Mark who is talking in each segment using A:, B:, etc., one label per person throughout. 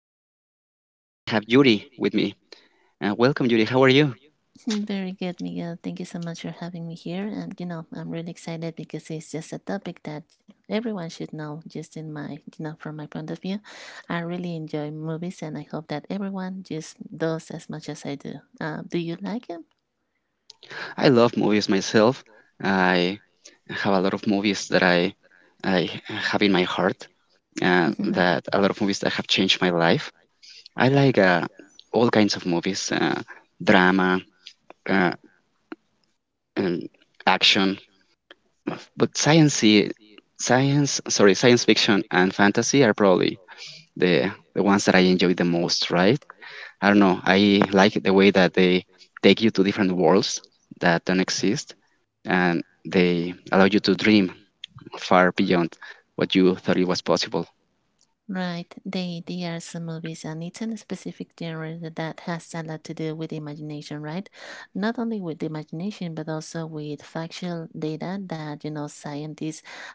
A: This is Miguel, and I have Yuri with me. Welcome, Yuri. How are you?
B: Very good, Miguel. Thank you so much for having me here. And you know, I'm really excited because it's just a topic that everyone should know. Just in my, you know, from my point of view, I really enjoy movies, and I hope that everyone just does as much as I do. Do you like them?
A: I love movies myself. I have a lot of movies that I have in my heart, that a lot of movies that have changed my life. I like all kinds of movies, drama, uh, and action, but science fiction and fantasy are probably the ones that I enjoy the most, right? I don't know. I like the way that they take you to different worlds that don't exist, and they allow you to dream far beyond what you thought it was possible.
B: Right. They are some movies and it's in a specific genre that has a lot to do with imagination, right? Not only with imagination but also with factual data that you know scientists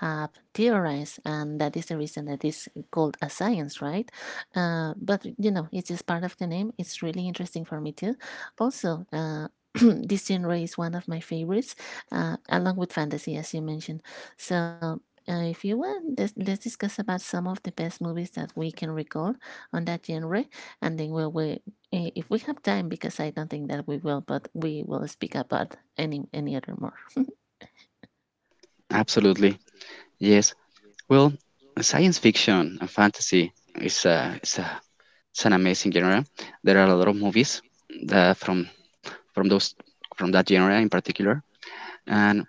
B: have theorized and that is the reason that is called a science, right? But you know, it's just part of the name. It's really interesting for me too. Also, this genre is one of my favorites, along with fantasy, as you mentioned. So, if you want, let's discuss about some of the best movies that we can recall on that genre, and then if we have time, because I don't think that we will, but we will speak about any other more.
A: Absolutely, yes. Well, science fiction and fantasy is a it's an amazing genre. There are a lot of movies that from those from that genre in particular, and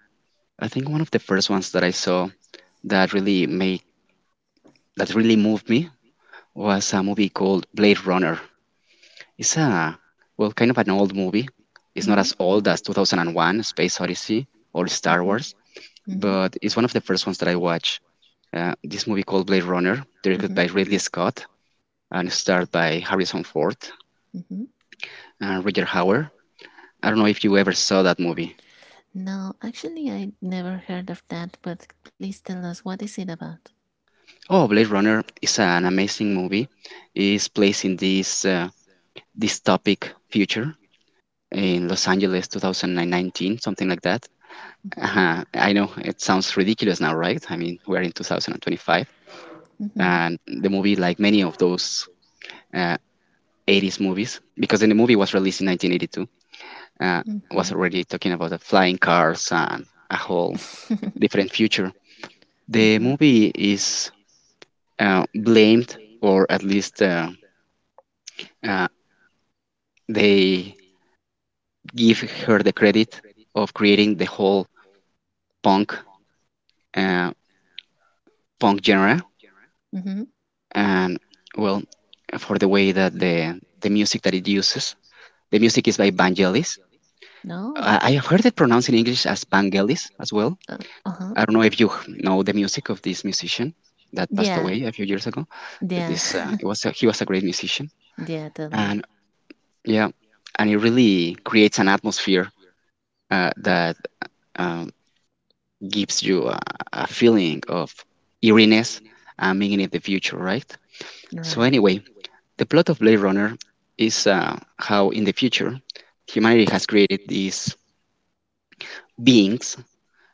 A: I think one of the first ones that I saw that really made that really moved me was a movie called Blade Runner. It's a, well, kind of an old movie. It's not as
B: Mhm.
A: old as 2001 Space Odyssey or Star
B: Mhm.
A: Wars,
B: Mhm.
A: but it's one of the first ones that I watch. This movie called Blade Runner, directed
B: Mhm.
A: by Ridley Scott and starred by Harrison Ford
B: Mhm.
A: and Roger Hauer. I don't know if you ever saw that movie.
B: No, actually, I never heard of that. But please tell us what is it about.
A: Oh, Blade Runner is an amazing movie. It's placed in this dystopic future in Los Angeles 2019, something like that.
B: Mhm.
A: I know it sounds ridiculous now, right? I mean, we're in 2025,
B: Mhm.
A: and the movie, like many of those uh, 80s movies, because in the movie was released in 1982, uh,
B: Mhm.
A: was already talking about the flying cars and a whole different future.
B: Mhm.
A: The movie is blamed, or at least uh, they give her the credit of creating the whole punk uh, punk genre, and well, for the way that the music that it uses, the music is by Vangelis.
B: No.
A: I have heard it pronounced in English as Vangelis as well.
B: Uh huh.
A: I don't know if you know the music of this musician that
B: Yeah.
A: passed away a few years ago.
B: Yeah.
A: This it was a, He was a great musician,
B: Yeah, totally.
A: and yeah, and it really creates an atmosphere that um, gives you a feeling of eeriness and being in the future, right? So
B: Right.
A: anyway, the plot of Blade Runner is how, in the future, humanity has created these beings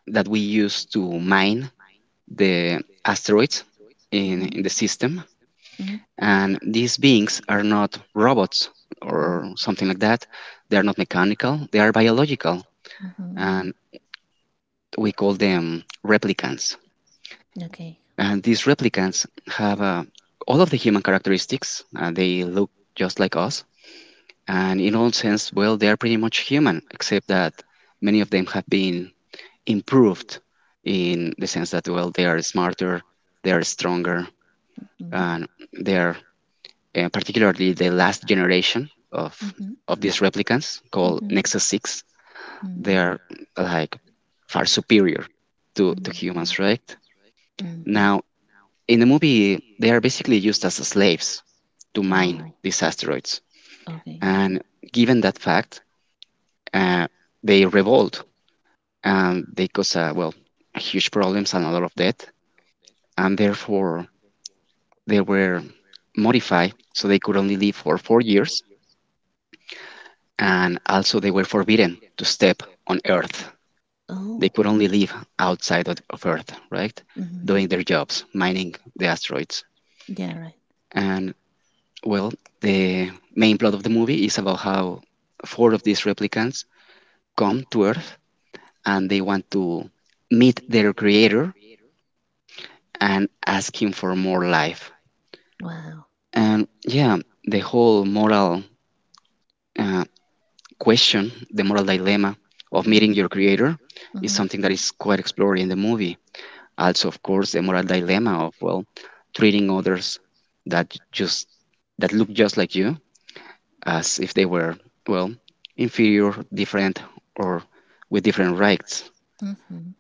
A: that we use to mine the asteroids
B: Mm-hmm.
A: in the system.
B: Mm-hmm.
A: And these beings are not robots
B: Mm-hmm.
A: or something like that. They are not mechanical, they are biological.
B: Mm-hmm.
A: And we call them replicants.
B: Okay.
A: And these replicants have all of the human characteristics. They look just like us, and in all sense, well, they are pretty much human, except that many of them have been improved in the sense that, well, they are smarter, they are stronger,
B: Mm-hmm.
A: and they are particularly the last generation of
B: Mm-hmm.
A: of these replicants called
B: Mm-hmm.
A: Nexus 6. They are like far superior to
B: Mm-hmm.
A: humans, right?
B: Mm-hmm.
A: Now, in the movie, they are basically used as slaves to
B: Oh,
A: mine these asteroids.
B: okay.
A: And given that fact, uh, they revolt and they caused, well, huge problems and a lot of death, and therefore they were modified so they could only live for 4 years, and also they were forbidden to step on Earth. They
B: Oh.
A: could only live outside of Earth, right?
B: Mm-hmm.
A: Doing their jobs, mining the asteroids,
B: Yeah, right.
A: and well, the main plot of the movie is about how four of these replicants come to Earth and they want to meet their creator and ask him for more life.
B: Wow.
A: And yeah, the whole moral uh, question, the moral dilemma of
B: Mm-hmm.
A: meeting your creator
B: Mm-hmm.
A: is
B: Mm-hmm.
A: something that is quite explored in the movie. Also, of course, the moral dilemma of, well, treating others that just that look just like you as if they were, well, inferior, different, or with different rights.
B: Mm-hmm.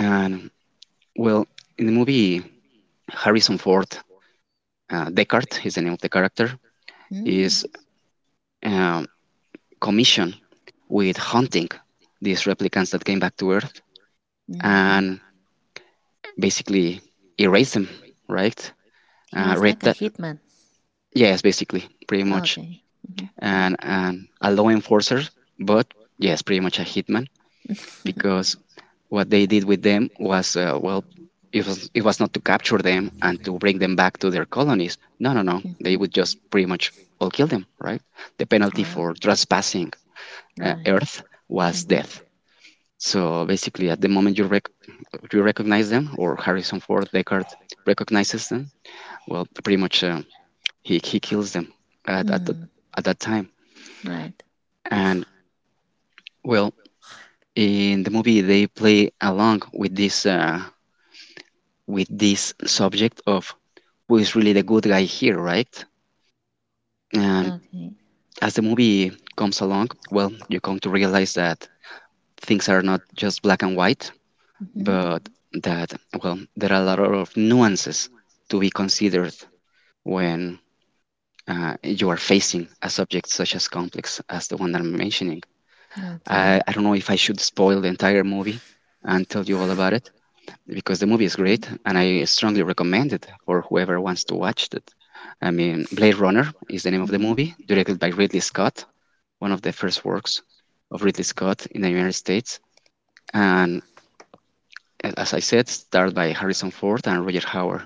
A: And well, in the movie, Harrison Ford, Deckard is the name of the character, is um commission with hunting these replicants that came back to Earth and basically erase them, right?
B: He was like
A: Red
B: a
A: that,
B: hitman.
A: yes, basically, pretty much,
B: Okay. Mhm.
A: and a law enforcer, but yes, pretty much a hitman, because what they did with them was, well, it was not to capture them and to bring them back to their colonies. No, no, no,
B: Mhm.
A: they would just pretty much all kill them, right? The penalty for trespassing
B: Right.
A: Earth was
B: Mhm.
A: death. So basically, at the moment you recognize them, or Harrison Ford, Deckard recognizes them, well, pretty much, he kills them at at, the, at that time.
B: Right.
A: And well, in the movie they play along with this, with this subject of who is really the good guy here, right? And as the movie comes along, well, you come to realize that things are not just black and white,
B: Mhm.
A: but that, well, there are a lot of nuances to be considered when you are facing a subject such as complex as the one that I'm mentioning.
B: No,
A: I
B: totally.
A: don't know if I should spoil the entire movie and tell you all about it because the movie is
B: Mhm.
A: great and I strongly recommend it for whoever wants to watch it. I mean, Blade Runner is the name of the movie, directed by Ridley Scott, one of the first works of Ridley Scott in the United States. And as I said, starred by Harrison Ford and Roger Howard.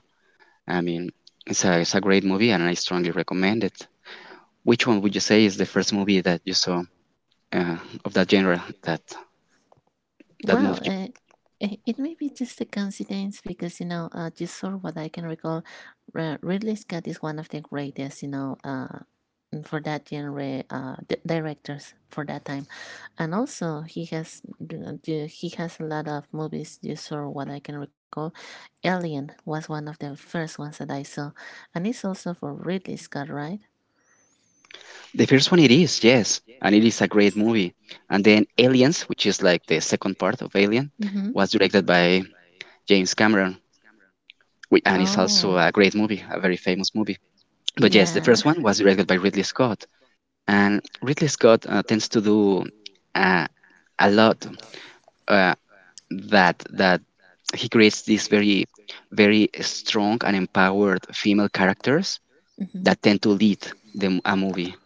A: I mean, it's a great movie and I strongly recommend it. Which one would you say is the first movie that you saw, uh, of that genre that
B: Well,
A: moved you?
B: it may be just a coincidence because you know, just sort of what I can recall, Ridley Scott is one of the greatest, you know, for that genre, directors for that time, and also he has a lot of movies. Just sort of what I can recall, Alien was one of the first ones that I saw, and it's also for Ridley Scott, right?
A: The first one it is, yes, and it is a great movie. And then Aliens, which is like the second part of Alien, was directed by James Cameron, and it's also a great movie, a very famous movie. But yes, the
B: And
A: first one was directed by Ridley Scott, and Ridley Scott tends to do, uh, a lot, uh, that he creates these very, very strong and empowered female characters
B: Mm-hmm.
A: that tend to lead a movie.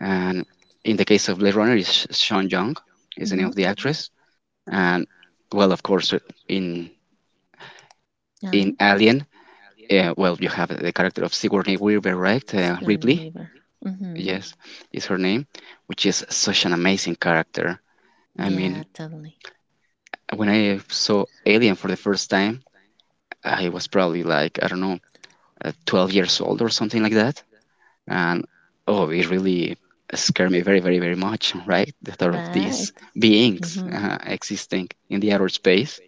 A: And in the case of Blade Runner, is Sean Young is the name
B: Mm-hmm.
A: of the actress. And well, of course, in
B: Aline?
A: in Alien, well, you have the character of Sigourney Weaver, right? Ripley,
B: Mm-hmm.
A: yes, is her name, which is such an amazing character. I
B: Yeah,
A: mean, when I saw Alien for the first time, I was probably like I don't know, 12 years old or something like that, and oh, it really scared me very, very, very much, right? The thought of these beings
B: these.
A: existing in the outer space.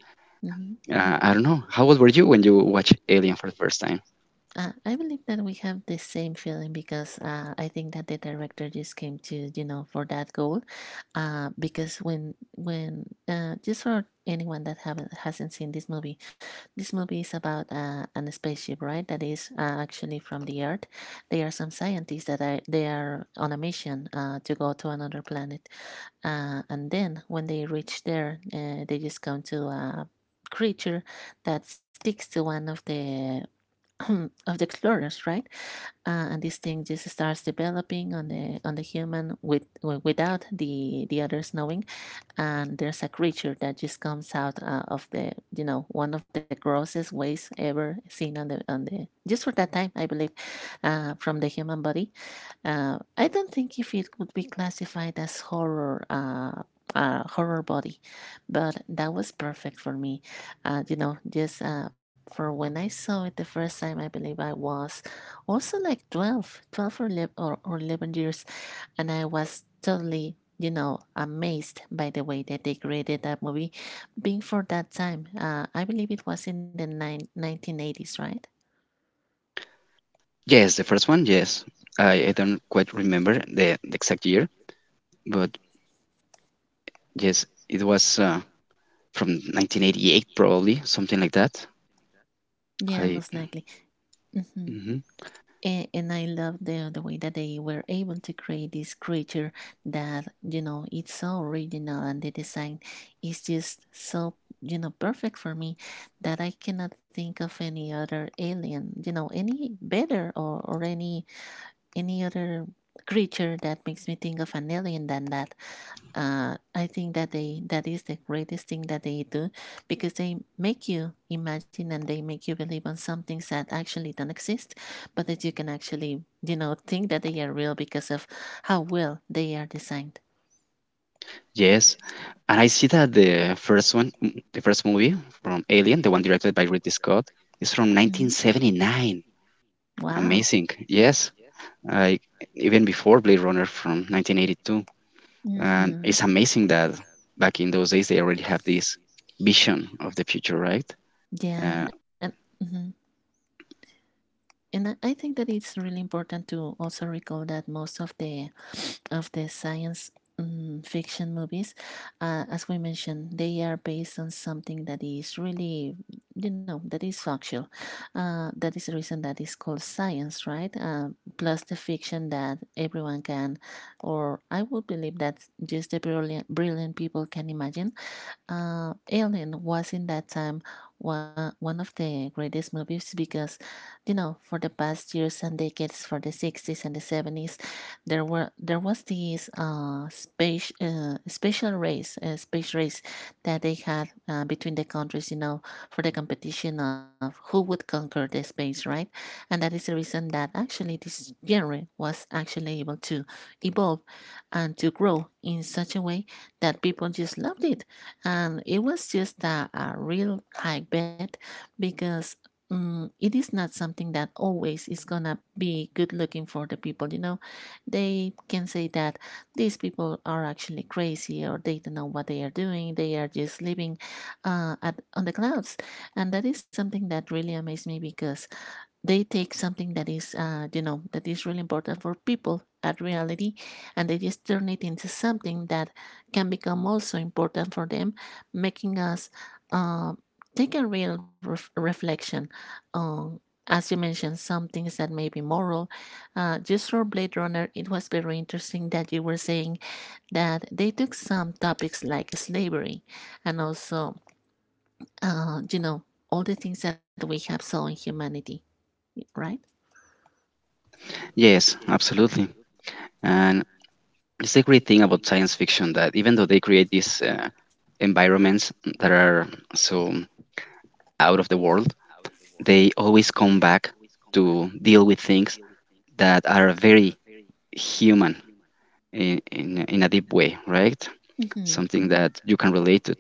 B: Mm-hmm.
A: I don't know how old were you when you watched Alien for the first time.
B: I believe that we have the same feeling because I think that the director just came to you know for that goal, because when just for anyone that haven't hasn't seen this movie is about an spaceship right that is actually from the Earth. There are some scientists that are they are on a mission to go to another planet, and then when they reach there, they just come to a creature that sticks to one of the of the explorers, right? And this thing just starts developing on the human with without the others knowing, and there's a creature that just comes out of the you know one of the grossest ways ever seen on the just for that time I believe, from the human body. I don't think if it would be classified as horror, horror body, but that was perfect for me, you know, just for when I saw it the first time I believe I was also like 12, twelve or 11, or 11 years, and I was totally, you know, amazed by the way that they created that movie. Being for that time, I believe it was in 1980s, right?
A: Yes, the first one, yes. I don't quite remember the exact year, but yes, it was, from 1988, probably something like that.
B: Yeah, most
A: I
B: likely. Hmm.
A: Mm-hmm.
B: And I love the way that they were able to create this creature that you know it's so original and the design is just so you know perfect for me that I cannot think of any other alien, you know, any better or any other creature that makes me think of an alien than that. I think that they that is the greatest thing that they do because they make you imagine and they make you believe on some things that actually don't exist, but that you can actually you know think that they are real because of how well they are designed.
A: Yes, and I see that the first one, the first movie from Alien, the one directed by Ridley Scott, is from
B: Mhm.
A: 1979.
B: Wow.
A: Amazing. Yes, like even before Blade Runner from 1982. And
B: Mm-hmm.
A: it's amazing that back in those days they already have this vision of the future, right?
B: Yeah.
A: Uh,
B: Uh, And I think that it's really important to also recall that most of the science fiction movies, as we mentioned, they are based on something that is really, you know, that is factual. That is the reason that is called science, right? Plus the fiction that everyone can, or I would believe that just the brilliant people can imagine. Alien was in that time one of the greatest movies because, you know, for the past years and decades, for the 60s and the 70s, there was this space race that they had between the countries, you know, for the competition of who would conquer the space, right? And that is the reason that actually this genre was actually able to evolve and to grow in such a way that people just loved it, and it was just a real tight bet because it is not something that always is gonna be good looking for the people. You know, they can say that these people are actually crazy, or they don't know what they are doing, they are just living on the clouds, and that is something that really amazed me because they take something that is you know that is really important for people at reality, and they just turn it into something that can become also important for them, making us uh, take a real reflection on, as you mentioned, some things that may be moral. Just for Blade Runner, it was very interesting that you were saying that they took some topics like slavery and also, you know, all the things that we have saw in humanity, right?
A: yes, absolutely. And it's a great thing about science fiction that even though they create these environments that are so out of the world, they always come back to deal with things that are very human in a deep way, right?
B: Mhm.
A: Something that you can relate to.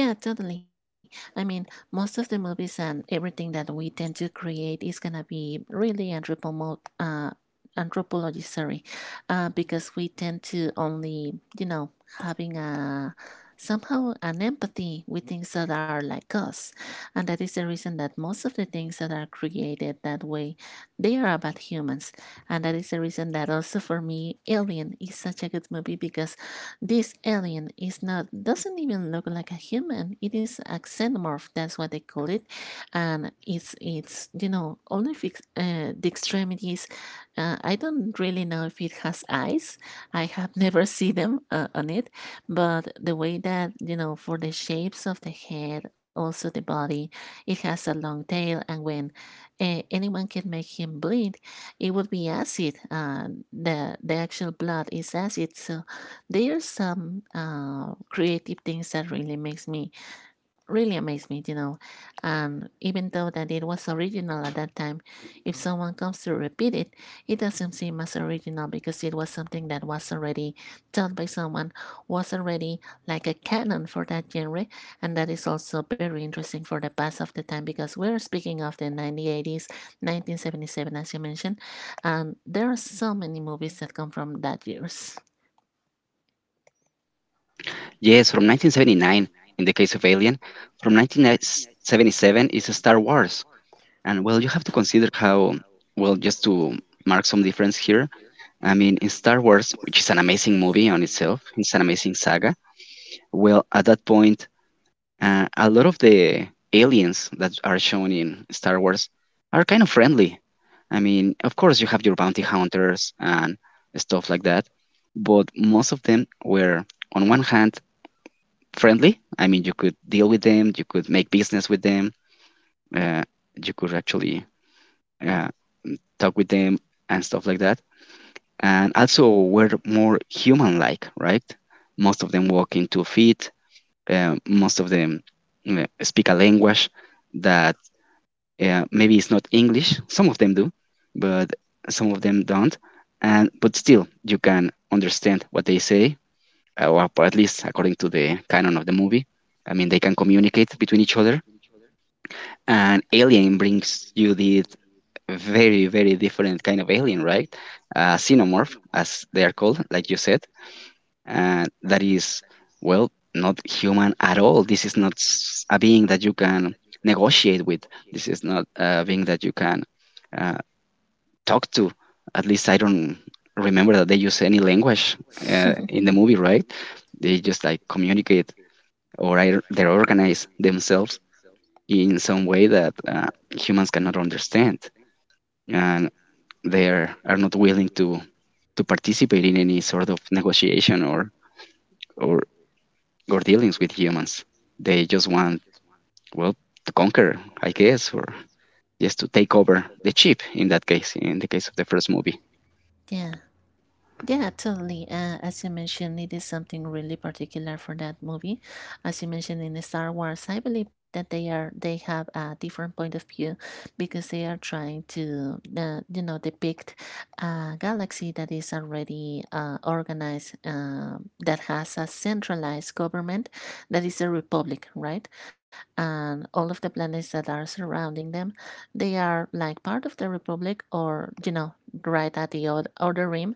B: Yeah, totally. I mean, most of the movies and everything that we tend to create is gonna be really anthropology, sorry, because we tend to only, you know, having a somehow an empathy with things that are like us, and that is the reason that most of the things that are created that way, they are about humans, and that is the reason that also for me, Alien is such a good movie because this alien is not doesn't even look like a human. It is a xenomorph. That's what they call it, and it's you know only fix, the extremities. I don't really know if it has eyes. I have never seen them on it, but the way that you know for the shapes of the head, also the body, it has a long tail, and when anyone can make him bleed, it would be acid. The actual blood is acid, so there are some creative things that really makes me really amaze me, you know. And even though that it was original at that time, if someone comes to repeat it, it doesn't seem as original because it was something that was already done by someone, was already like a canon for that genre, and that is also very interesting for the past of the time because we're speaking of the 1980s, 1977, as you mentioned, and there are so many movies that come from that years.
A: Yes, from 1979, in the case of Alien, from 1977 is Star Wars. And well, you have to consider how, well, just to mark some difference here, I mean, in Star Wars, which is an amazing movie on itself, it's an amazing saga, well, at that point, a lot of the aliens that are shown in Star Wars are kind of friendly. I mean, of course, you have your bounty hunters and stuff like that, but most of them were, on one hand, friendly. I mean, you could deal with them, you could make business with them, uh, you could actually, uh, talk with them and stuff like that. And also were more human-like, right? Most of them walk in 2 feet. Most of them speak a language that, yeah, maybe it's not English. Some of them do, but some of them don't, and but still you can understand what they say, or at least according to the canon of the movie. I mean, they can communicate between each other. And Alien brings you the very very different kind of alien, right? Xenomorph, as they are called, like you said. And that is, well, not human at all. This is not a being that you can negotiate with. This is not a being that you can uh, talk to. At least I don't remember that they use any language in the movie, right? They just like communicate, or they organize themselves in some way that humans cannot understand, and they are not willing to participate in any sort of negotiation, or or dealings with humans. They just want, well, to conquer, I guess, or just to take over the chip in that case, in the case of the first movie.
B: Yeah. Yeah, totally. As you mentioned, it is something really particular for that movie. As you mentioned in Star Wars, I believe that they have a different point of view because they are trying to you know depict a galaxy that is already organized, that has a centralized government, that is a republic, right? And all of the planets that are surrounding them, they are like part of the republic, or you know, right at the other rim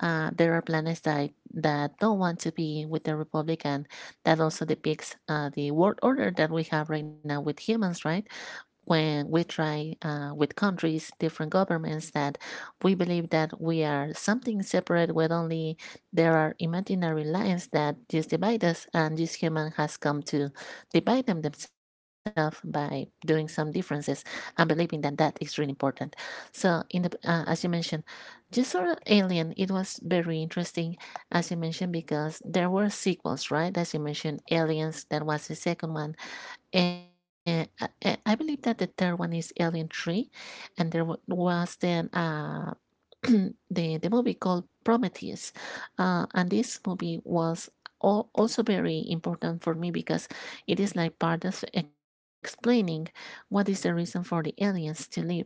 B: there are planets that don't want to be with the Republic, and that also depicts the world order that we have right now with humans, right? When we try with countries, different governments, that we believe that we are something separate, where only there are imaginary lines that just divide us, and this human has come to divide them themselves by doing some differences and believing that that is really important. So, in the as you mentioned, just sort of Alien, it was very interesting, as you mentioned, because there were sequels, right? As you mentioned, Aliens, that was the second one. Believe that the third one is Alien 3, and there was then the movie called Prometheus. And this movie was also very important for me because it is like part of explaining what is the reason for the aliens to live.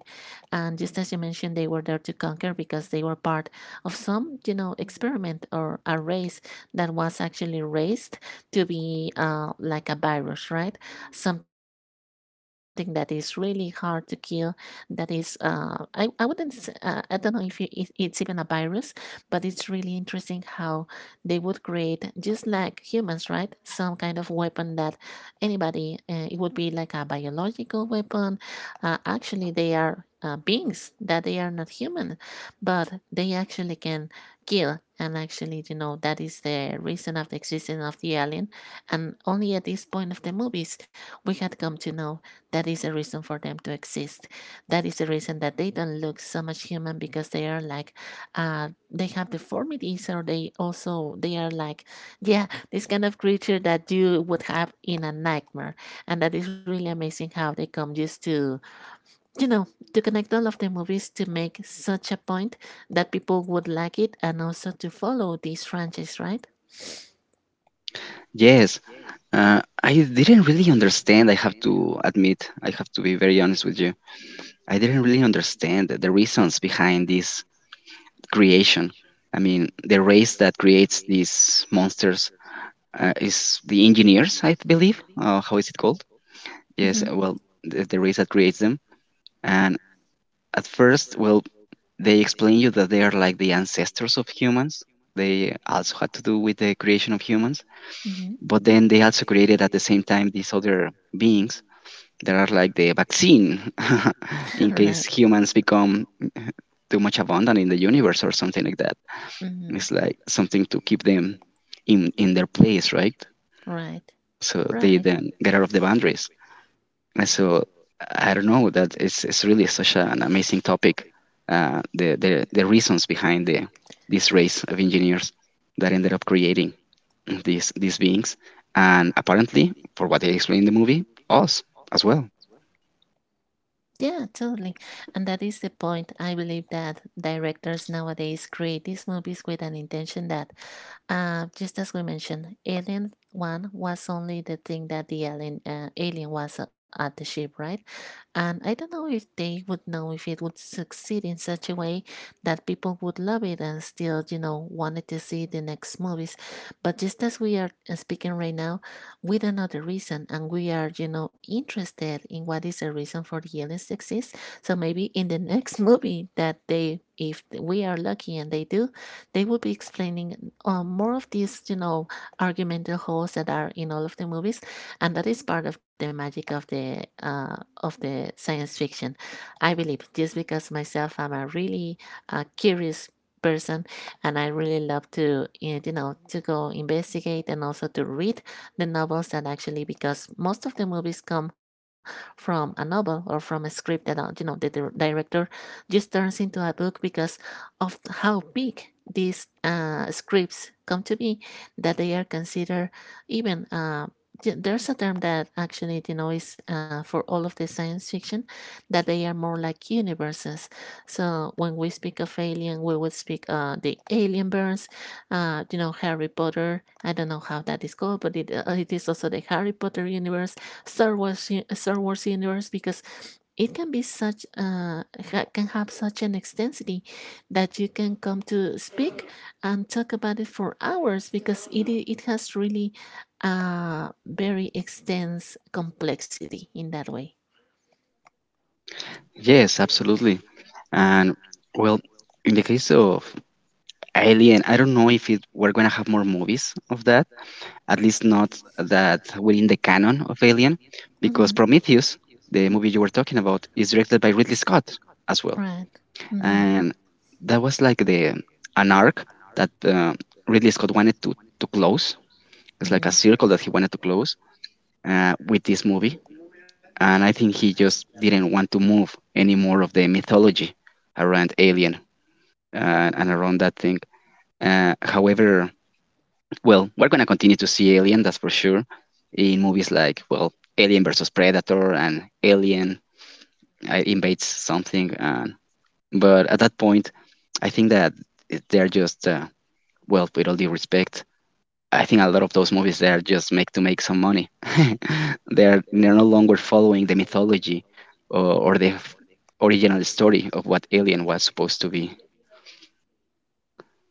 B: And just as you mentioned, they were there to conquer because they were part of some, experiment or a race that was actually raised to be like a virus, right? Something that is really hard to kill, that is I wouldn't I don't know if it's even a virus, but it's really interesting how they would create, just like humans, right, some kind of weapon that anybody, it would be like a biological weapon. Actually, they are beings that they are not human, but they actually can kill. And actually, that is the reason of the existence of the alien, and only at this point of the movies we had come to know that is the reason for them to exist. That is the reason that they don't look so much human, because they are like, they have deformities, or they also they are like, yeah, this kind of creature that you would have in a nightmare. And that is really amazing how they come just you know, to connect all of the movies to make such a point that people would like it and also to follow this franchise, right?
A: Yes. I didn't really understand, I have to admit. I have to be very honest with you. I didn't really understand the reasons behind this creation. I mean, the race that creates these monsters is the engineers, I believe. How is it called? Yes,
B: Mm-hmm.
A: well, the race that creates them. And at first, well, they explain you that they are like the ancestors of humans. They also had to do with the creation of humans.
B: Mm-hmm.
A: But then they also created at the same time these other beings. They are like the vaccine in case
B: Right.
A: humans become too much abundant in the universe or something like that.
B: Mm-hmm.
A: It's like something to keep them in their place, right?
B: Right.
A: So they
B: Right.
A: then get out of the boundaries. And so I don't know, that it's really such an amazing topic. The reasons behind the this race of engineers that ended up creating these beings, and apparently, for what they explain in the movie, us as well.
B: Yeah, totally. And that is the point. I believe that directors nowadays create these movies with an intention that, just as we mentioned, Alien 1 was only the thing that the alien was at the ship, right? And I don't know if they would know if it would succeed in such a way that people would love it and still, wanted to see the next movies. But just as we are speaking right now, we don't know the reason, and we are interested in what is the reason for the aliens exist. So maybe in the next movie that, they if we are lucky and they do, they will be explaining more of these, argumental holes that are in all of the movies. And that is part of the magic of the science fiction, I believe, just because myself, I'm a really curious person. And I really love to, to go investigate, and also to read the novels, that actually, because most of the movies come from a novel or from a script that, the director just turns into a book, because of how big these scripts come to be, that they are considered even, there's a term that actually, is for all of the science fiction, that they are more like universes. So when we speak of alien, we would speak, the alien, Harry Potter. I don't know how that is called, but it is also the Harry Potter universe, Star Wars, Star Wars universe, because it can be such, can have such an extensity that you can come to speak and talk about it for hours, because it has really a very extensive complexity in that way.
A: Yes, absolutely. And well, in the case of Alien, I don't know if it, we're gonna have more movies of that. At least not that within the canon of Alien,
B: Mhm.
A: because Prometheus, the movie you were talking about, is directed by Ridley Scott as well,
B: Right. Mhm.
A: and that was like the an arc that Ridley Scott wanted to close. It's like a
B: 嗯，
A: circle that he wanted to close with this movie, and I think he just didn't want to move any more of the mythology around Alien and around that thing. However, well, we're gonna continue to see Alien, that's for sure, in movies like, well, Alien versus Predator and Alien invades something. And but at that point, I think that they're just well, with all due respect, I think a lot of those movies they are just make to make some money. They're no longer following the mythology, or, or the original story of what Alien was supposed to be.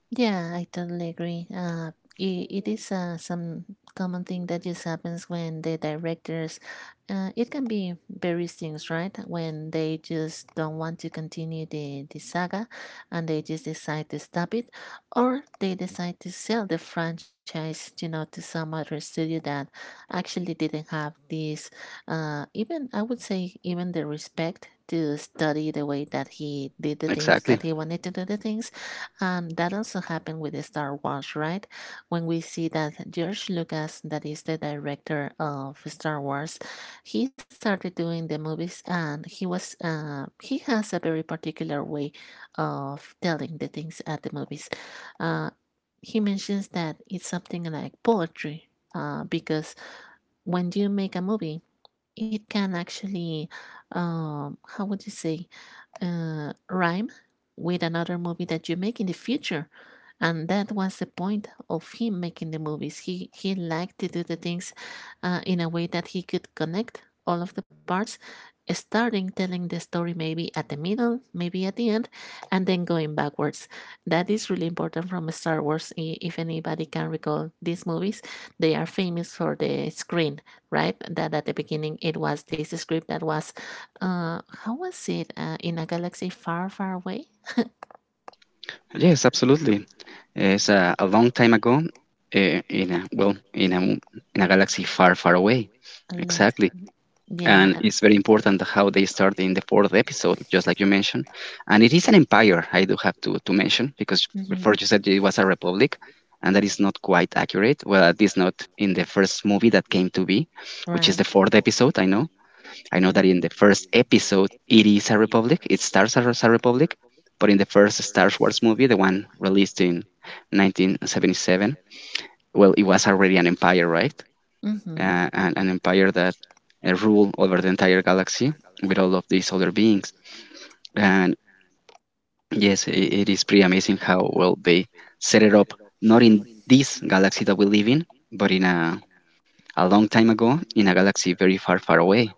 B: Yeah, I totally agree. I it is some common thing that just happens when the directors, it can be various things, right? When they just don't want to continue the saga, and they just decide to stop it, or they decide to sell the franchise, to some other studio that actually didn't have this, even, I would say, even the respect to study the way that he did the things
A: Exactly.
B: that he wanted to do the things. And that also happened with Star Wars, right? When we see that George Lucas, that is the director of Star Wars, he started doing the movies, and he has a very particular way of telling the things at the movies. Uh, he mentions that it's something like poetry, because when you make a movie, it can actually, how would you say, rhyme with another movie that you make in the future. And that was the point of him making the movies. He liked to do the things in a way that he could connect all of the parts, starting telling the story maybe at the middle, maybe at the end, and then going backwards. That is really important from Star Wars. If anybody can recall these movies, they are famous for the screen, right? That at the beginning it was this script that was, how was it, in a galaxy far, far away?
A: Yes, absolutely. It's a long time ago, in a, well, in a galaxy far, far away.
B: A long
A: Exactly,
B: Exactly. Yeah,
A: and it's very important how they start in the fourth episode, just like you mentioned. And it is an empire. I do have to mention, because before you said it was a republic, and that is not quite accurate. Well, at least not in the first movie that came to be, which is the
B: right.
A: fourth episode. I know. I
B: Know.
A: know that in the first episode, it is a republic. It starts as a republic, but in the first Star Wars movie, the one released in 1977, well, it was already an empire, right?
B: Mm-hmm.
A: An empire that ruled over the entire galaxy with all of these other beings. And yes, I it is pretty amazing how well they set it up, not in this galaxy that we live in, but in a long time ago, in a galaxy very far, far away.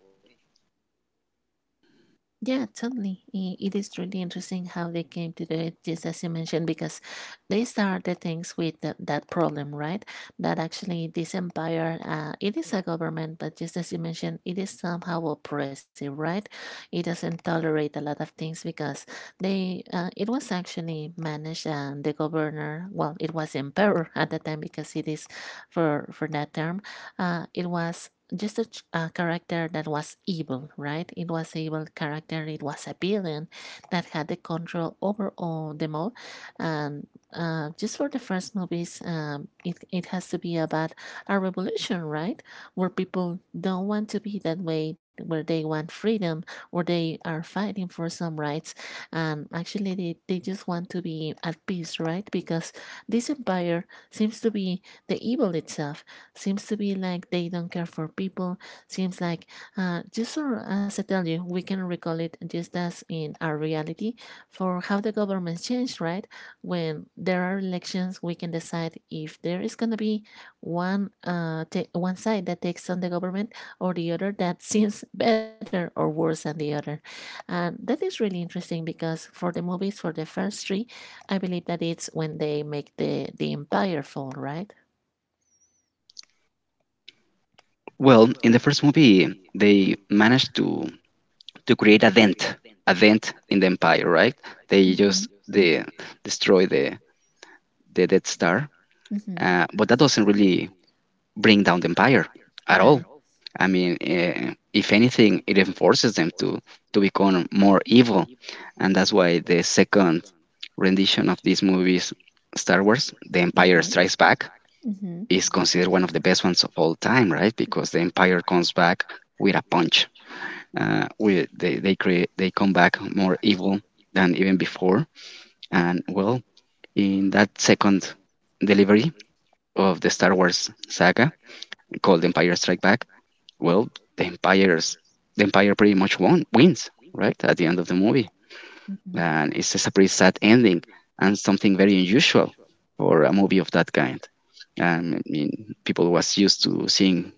B: Yeah, totally. It is really interesting how they came to do it, just as you mentioned, because they started things with that problem, right? That actually this empire, it is a government, but just as you mentioned, it is somehow oppressive, right? It doesn't tolerate a lot of things because it was actually managed, and the governor, well, it was emperor at the time because it is for that term. It was just a, character that was evil, right? It was evil character. It was a villain that had the control over all the mall. And just for the first movies, it has to be about a revolution, right? Where people don't want to be that way, where they want freedom, where they are fighting for some rights, and actually they just want to be at peace, right? Because this empire seems to be the evil itself. Seems to be like they don't care for people. Seems like, just so as I tell you, we can recall it just as in our reality, for how the governments change, right? When there are elections, we can decide if there is gonna be one uh one side that takes on the government, or the other that seems better or worse than the other. And that is really interesting because, for the movies, for the first three, I believe that it's when they make the empire fall, right?
A: Well, in the first movie, they managed to create a dent in the empire, right? They
B: Mhm.
A: just they destroy the Death Star,
B: Mhm, at.
A: but that doesn't really bring down the empire at all. I mean, if anything, it enforces them to become more evil, and that's why the second rendition of these movies, Star Wars: The
B: Mhm.
A: Empire Strikes Back,
B: Mhm.
A: is considered one of the best ones of all time, right? Because the Empire comes back with a punch. With they come back more evil than even before, and well, in that second delivery of the Star Wars saga called Empire Strike Back, well, the empire's the empire pretty much won wins, right? At the end of the movie,
B: Mhm.
A: and it's just a pretty sad ending and something very unusual for a movie of that kind. And I mean, people was used to seeing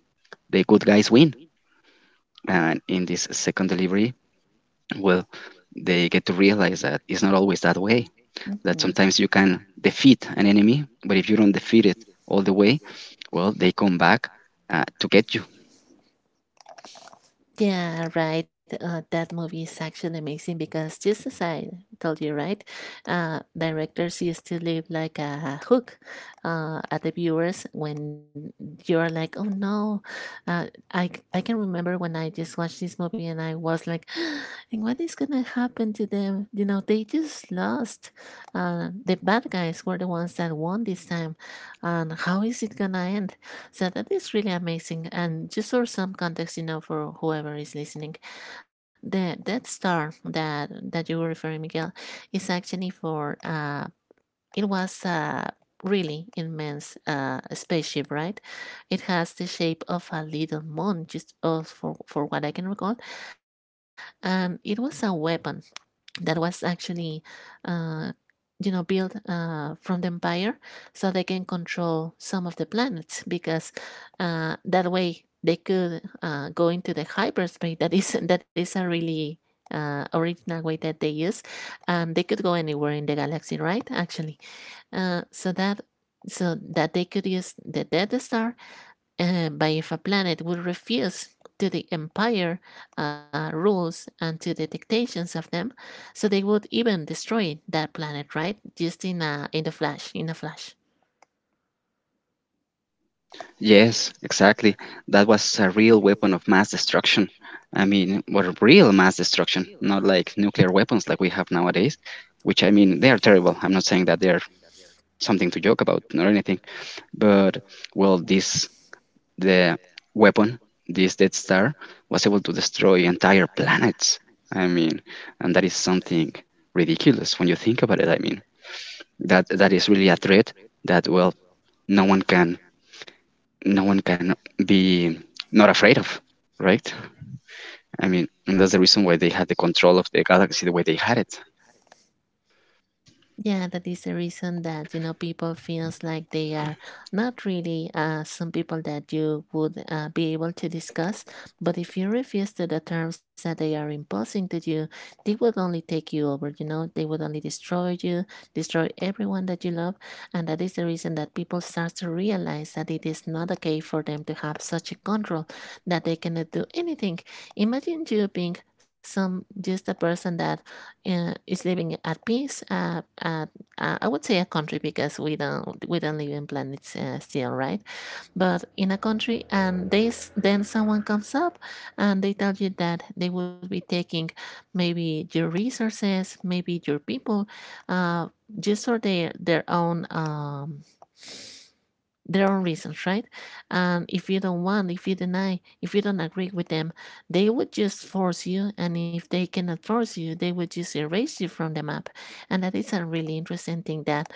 A: the good guys win, and in this second delivery, well, they get to realize that it's not always that way.
B: Mhm.
A: That
B: That's
A: sometimes
B: the,
A: you can defeat an enemy, but if you don't defeat it all the way, well, they come back to get you.
B: yeah, right. That movie is actually amazing because, just as I told you, right, directors used to leave like a hook at the viewers when you're like, oh no. I can remember when I just watched this movie and I was like, and what is gonna happen to them? They just lost. The bad guys were the ones that won this time, and how is it gonna end? So that is really amazing. And just for some context, for whoever is listening, the that star that you were referring, Miguel, is actually for, it was a really immense spaceship, right? It has the shape of a little moon, just, for what I can recall, and it was a weapon that was actually. Uh, built from the empire, so they can control some of the planets, because, that way they could go into the hyperspace, that is that is a really original way that they use, and they could go anywhere in the galaxy, right, actually. uh, so that so that they could use the death star, but if a planet would refuse to the empire rules and to the dictations of them, so they would even destroy that planet, right? Just in in the flash, in a flash.
A: Yes, exactly. That was a real weapon of mass destruction. I mean, what a real mass destruction, not like nuclear weapons like we have nowadays, which, I mean, they are terrible. I'm not saying that they're something to joke about or anything, but well, this the weapon, this Death Star, was able to destroy entire planets. I mean, and that is something ridiculous when you think about it. I mean, that that is really a threat that, well, no one can no one can be not afraid of, right? I mean, and that's the reason why they had the control of the galaxy the way they had it.
B: Yeah, that is the reason that, people feels like they are not really, some people that you would be able to discuss. But if you refuse to the terms that they are imposing to you, they would only take you over. They would only destroy you, destroy everyone that you love, and that is the reason that people start to realize that it is not okay for them to have such a control that they cannot do anything. Imagine you being some, just a person that, is living at peace. I would say a country, because we don't live in planets still, right? But in a country, and then someone comes up and they tell you that they would be taking, maybe your resources, maybe your people, uh, just for their own. Their own reasons, right? And if you don't want, if you deny, if you don't agree with them, they would just force you. And if they cannot force you, they would just erase you from the map. And that is a really interesting thing that,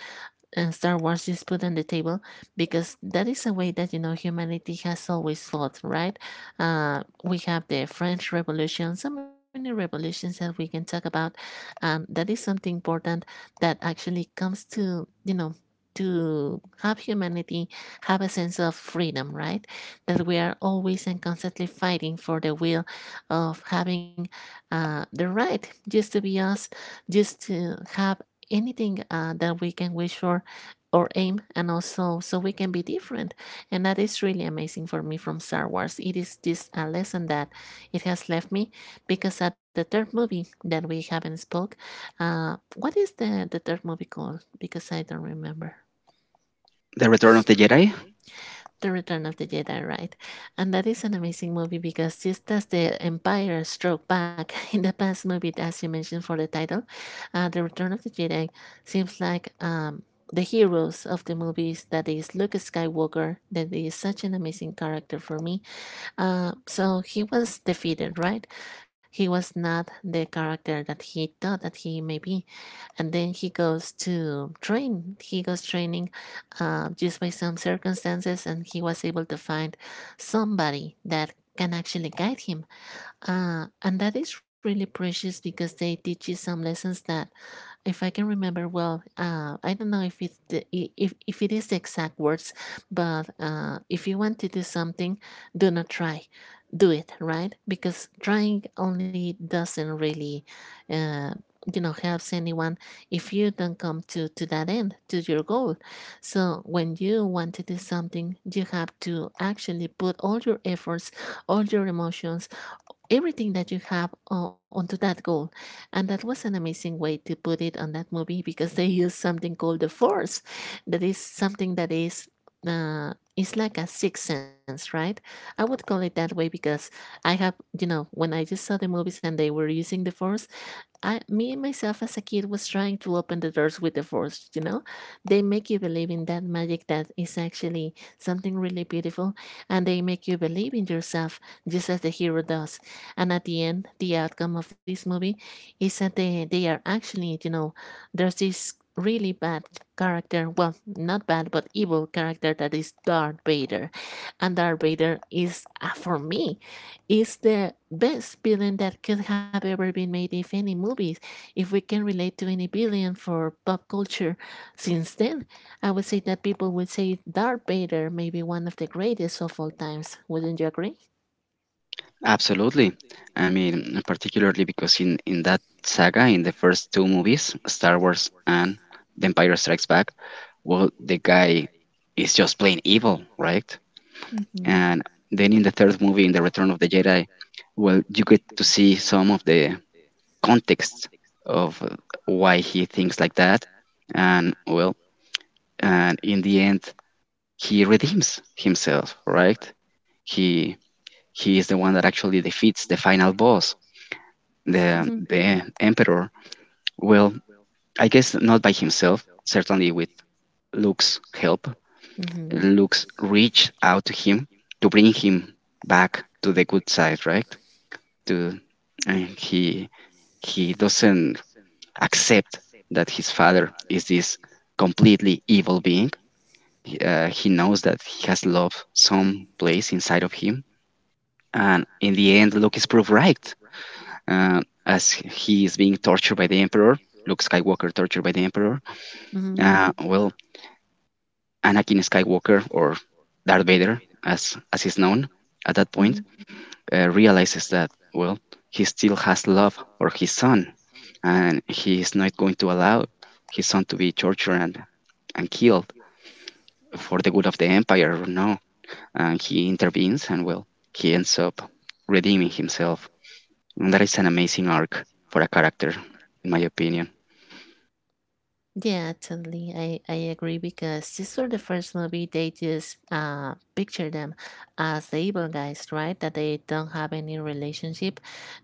B: Star Wars just put on the table, because that is a way that, humanity has always thought, right? We have the French Revolution, so many revolutions that we can talk about, and that is something important that actually comes to to have humanity have a sense of freedom, right? That we are always and constantly fighting for the will of having the right just to be us, just to have anything that we can wish for or aim and also so we can be different. And that is really amazing for me. From Star Wars it is just a lesson that it has left me because at the third movie that we haven't spoke, what is the third movie called? Because I don't remember.
A: The Return of the Jedi,
B: The Return of the Jedi, right? And that is an amazing movie because just as the Empire struck back in the past movie, as you mentioned for the title, The Return of the Jedi seems like, the heroes of the movies, that is Luke Skywalker, that is such an amazing character for me. So he was defeated, right? He was not the character that he thought that he may be, and then he goes to train. He goes training, just by some circumstances, and he was able to find somebody that can actually guide him. And that is really precious because they teach you some lessons that, if I can remember well, I don't know if it's the, if it is the exact words, but if you want to do something, do not try, do it right because trying only doesn't really, uh, helps anyone if you don't come to that end, to your goal. So when you want to do something, you have to actually put all your efforts, all your emotions, everything that you have onto that goal. And that was an amazing way to put it on that movie because they use something called the force, that is something that is. It's like a sixth sense, right? I would call it that way because I have, you know, when I just saw the movies and they were using the force, me myself as a kid was trying to open the doors with the force, you know? They make you believe in that magic that is actually something really beautiful, and they make you believe in yourself, just as the hero does. And at the end, the outcome of this movie is that they are actually, you know, there's this really bad character, well, not bad, but evil character, that is Darth Vader. And Darth Vader is, for me, is the best villain that could have ever been made. If any movies, if we can relate to any villain for pop culture since then, I would say that people would say Darth Vader may be one of the greatest of all times. Wouldn't you agree?
A: absolutely. I mean, particularly because in that saga, in the first two movies, Star Wars and The Empire Strikes Back, well, the guy is just plain evil, right?
B: Mm-hmm.
A: And then in the third movie, in The Return of the Jedi, well, you get to see some of the context of why he thinks like that, and well, and in the end he redeems himself, right? He he is the one that actually defeats the final boss, the the emperor. Well, I guess not by himself, certainly with Luke's help,
B: Mm-hmm.
A: Luke's reach out to him to bring him back to the good side, right? To and he doesn't accept that his father is this completely evil being. He knows that he has love some place inside of him, and in the end, Luke is proved right. As he is being tortured by the Emperor, Luke Skywalker tortured by the Emperor.
B: Mm-hmm.
A: Well, Anakin Skywalker or Darth Vader, as is known at that point,
B: Mm-hmm.
A: realizes that, well, he still has love for his son, and he is not going to allow his son to be tortured and killed for the good of the empire or no. And he intervenes, and well, he ends up redeeming himself. And that is an amazing arc for a character, in my opinion.
B: Yeah, totally. I agree because these were the first movie, they just picture them as the evil guys, right? That they don't have any relationship.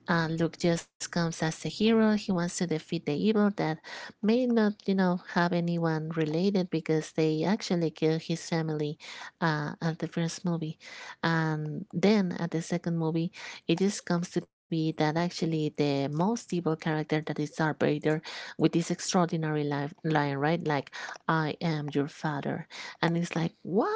B: Luke just comes as the hero. He wants to defeat the evil that may not, you know, have anyone related because they actually kill his family at the first movie. And then at the second movie, it just comes to be that actually the most evil character, that is Darth Vader, with this extraordinary line, right? Like, I am your father. And it's like, what?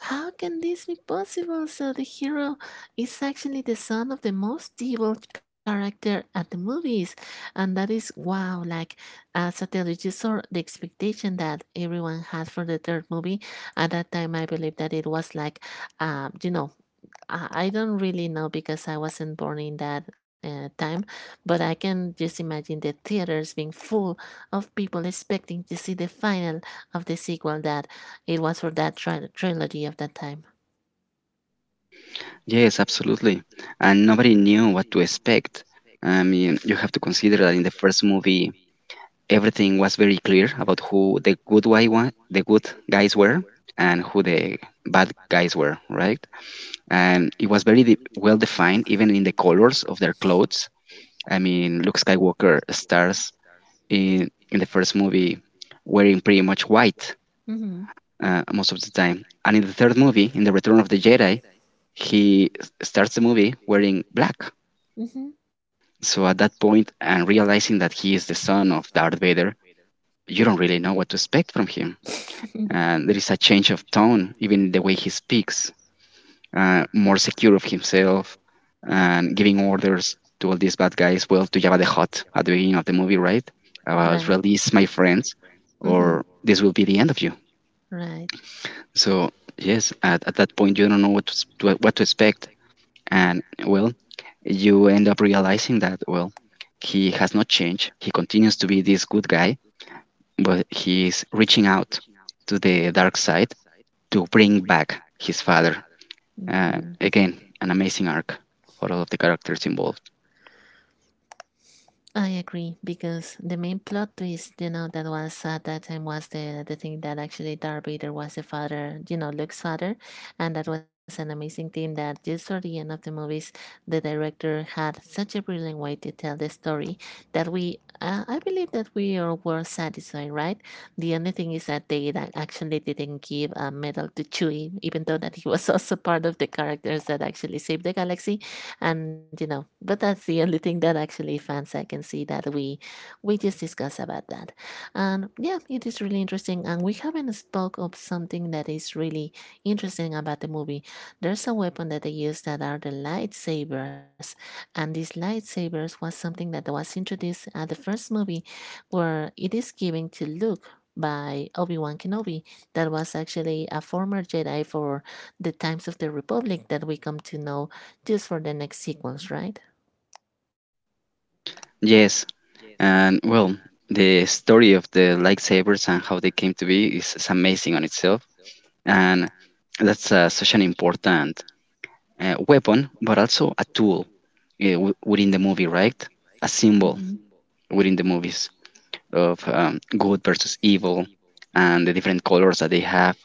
B: How can this be possible? So the hero is actually the son of the most evil character at the movies. And that is wow, like, as I tell you, you saw the expectation that everyone had for the third movie. At that time I believe that it was like, uh, you know, I don't really know because I wasn't born in that time, but I can just imagine the theaters being full of people expecting to see the final of the sequel that it was for that trilogy of that time.
A: Yes, absolutely. And nobody knew what to expect. I mean, you have to consider that in the first movie, everything was very clear about who the good guys were and who the bad guys were, right? And it was very well defined, even in the colors of their clothes. I mean, Luke Skywalker stars in the first movie wearing pretty much white
B: Hmm.
A: most of the time, and in the third movie, in the Return of the Jedi, he starts the movie wearing black.
B: Hmm.
A: So at that point, and realizing that he is the son of Darth Vader, you don't really know what to expect from him. And there is a change of tone, even in the way he speaks. Uh, more secure of himself and giving orders to all these bad guys. Well, to Jabba the Hutt at the beginning of the movie, right?
B: Right.
A: About release my friends,
B: Hmm.
A: or this will be the end of you.
B: Right.
A: So yes, at that point you don't know what to, what to expect, and well, you end up realizing that, well, he has not changed. He continues to be this good guy, but he is reaching out to the dark side to bring back his father.
B: Hmm.
A: Again, an amazing arc for all of the characters involved.
B: I agree because the main plot twist, you know, that was at that time was the thing that actually Darth Vader was the father, you know, Luke's father, and that was an amazing thing that just for the end of the movies, the director had such a brilliant way to tell the story that we, I believe that we all were satisfied, right? The only thing is that they that actually didn't give a medal to Chewie, even though that he was also part of the characters that actually saved the galaxy. And you know, but that's the only thing that actually fans I can see that we just discuss about that. And yeah, it is really interesting, and we haven't spoke of something that is really interesting about the movie. There's a weapon that they use that are the lightsabers, and these lightsabers was something that was introduced at the first movie, where it is given to Luke by Obi-Wan Kenobi, that was actually a former Jedi for the times of the Republic that we come to know just for the next sequence, right?
A: Yes, and well, the story of the lightsabers and how they came to be is amazing on itself, and that's such an important weapon, but also a tool within the movie, right? A
B: Mm-hmm.
A: symbol within the movies of, good versus evil, and the different colors that they have,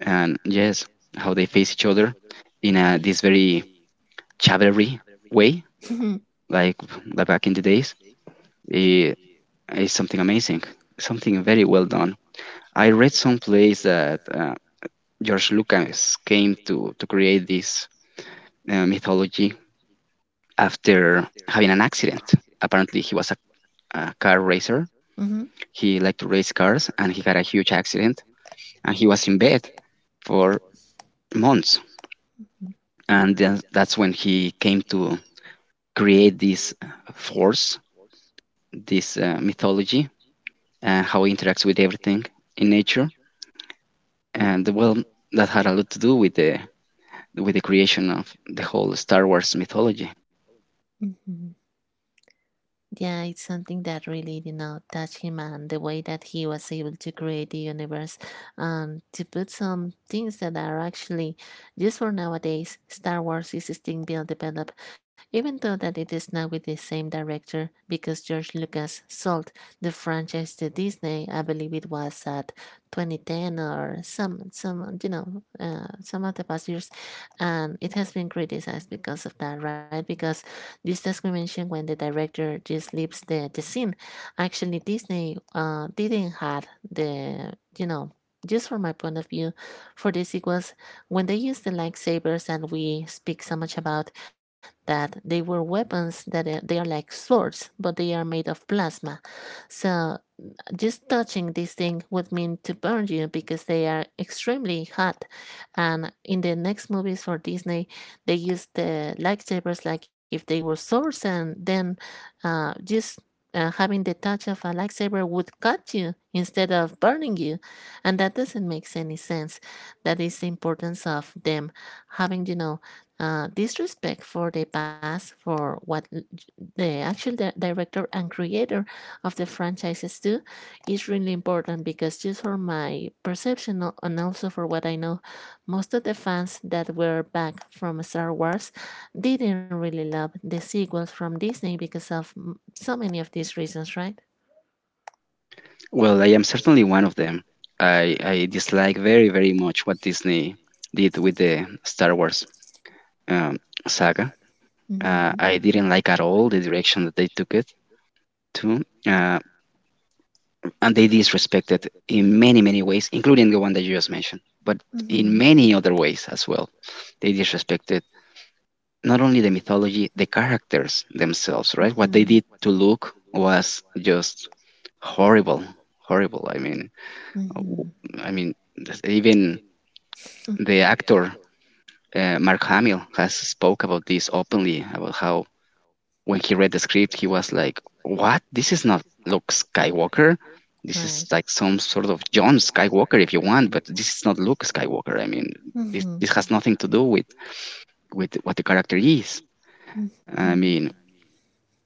A: and yes, how they face each other in a, this very chivalry way, like the back in the days. It is something amazing, something very well done. I read someplace that, George Lucas came to create this mythology after having an accident. Apparently, he was a car racer.
B: Mm-hmm.
A: He liked to race cars, and he had a huge accident, and he was in bed for months. And then that's when he came to create this force, this mythology, and how it interacts with everything in nature. And well, that had a lot to do with the creation of the whole Star Wars mythology.
B: Mm-hmm. Yeah, it's something that really, you know, touched him, and the way that he was able to create the universe and to put some things that are actually just for nowadays. Star Wars is still being developed, even though that it is not with the same director because George Lucas sold the franchise to Disney. I believe it was at 2010 or some of the past years, and it has been criticized because of that, right? Because this discrimination when the director just leaves the scene. Actually, Disney didn't have the, you know, just from my point of view, for this it was when they used the lightsabers, and we speak so much about that they were weapons that they are like swords, but they are made of plasma. So just touching this thing would mean to burn you because they are extremely hot. And in the next movies for Disney, they use the lightsabers like if they were swords, and then just having the touch of a lightsaber would cut you instead of burning you. And that doesn't make any sense. That is the importance of them having, you know, disrespect for the past, for what the actual director and creator of the franchises do, is really important because just for my perception and also for what I know, most of the fans that were back from Star Wars didn't really love the sequels from Disney because of, so many of these reasons, right?
A: Well, I am certainly one of them. I dislike very very much what Disney did with the Star Wars um, saga.
B: Mm-hmm.
A: I didn't like at all the direction that they took it to, and they disrespected in many many ways, including the one that you just mentioned, but
B: Mm-hmm.
A: in many other ways as well. They disrespected not only the mythology, the characters themselves, right? What
B: Mm-hmm.
A: they did to Luke was just horrible, horrible. I mean,
B: Mm-hmm.
A: even the actor Mark Hamill has spoke about this openly about how when he read the script, he was like, "What? This is not Luke Skywalker. This is
B: Right.
A: like some sort of John
B: John
A: Skywalker, if you
B: Skywalker,
A: want,
B: if
A: but
B: you
A: this
B: want,
A: is
B: but
A: not
B: it's
A: Luke
B: not Lucas.
A: Skywalker. I mean, this
B: Mm-hmm.
A: this has nothing to do with what the character is."
B: Mm-hmm.
A: I mean,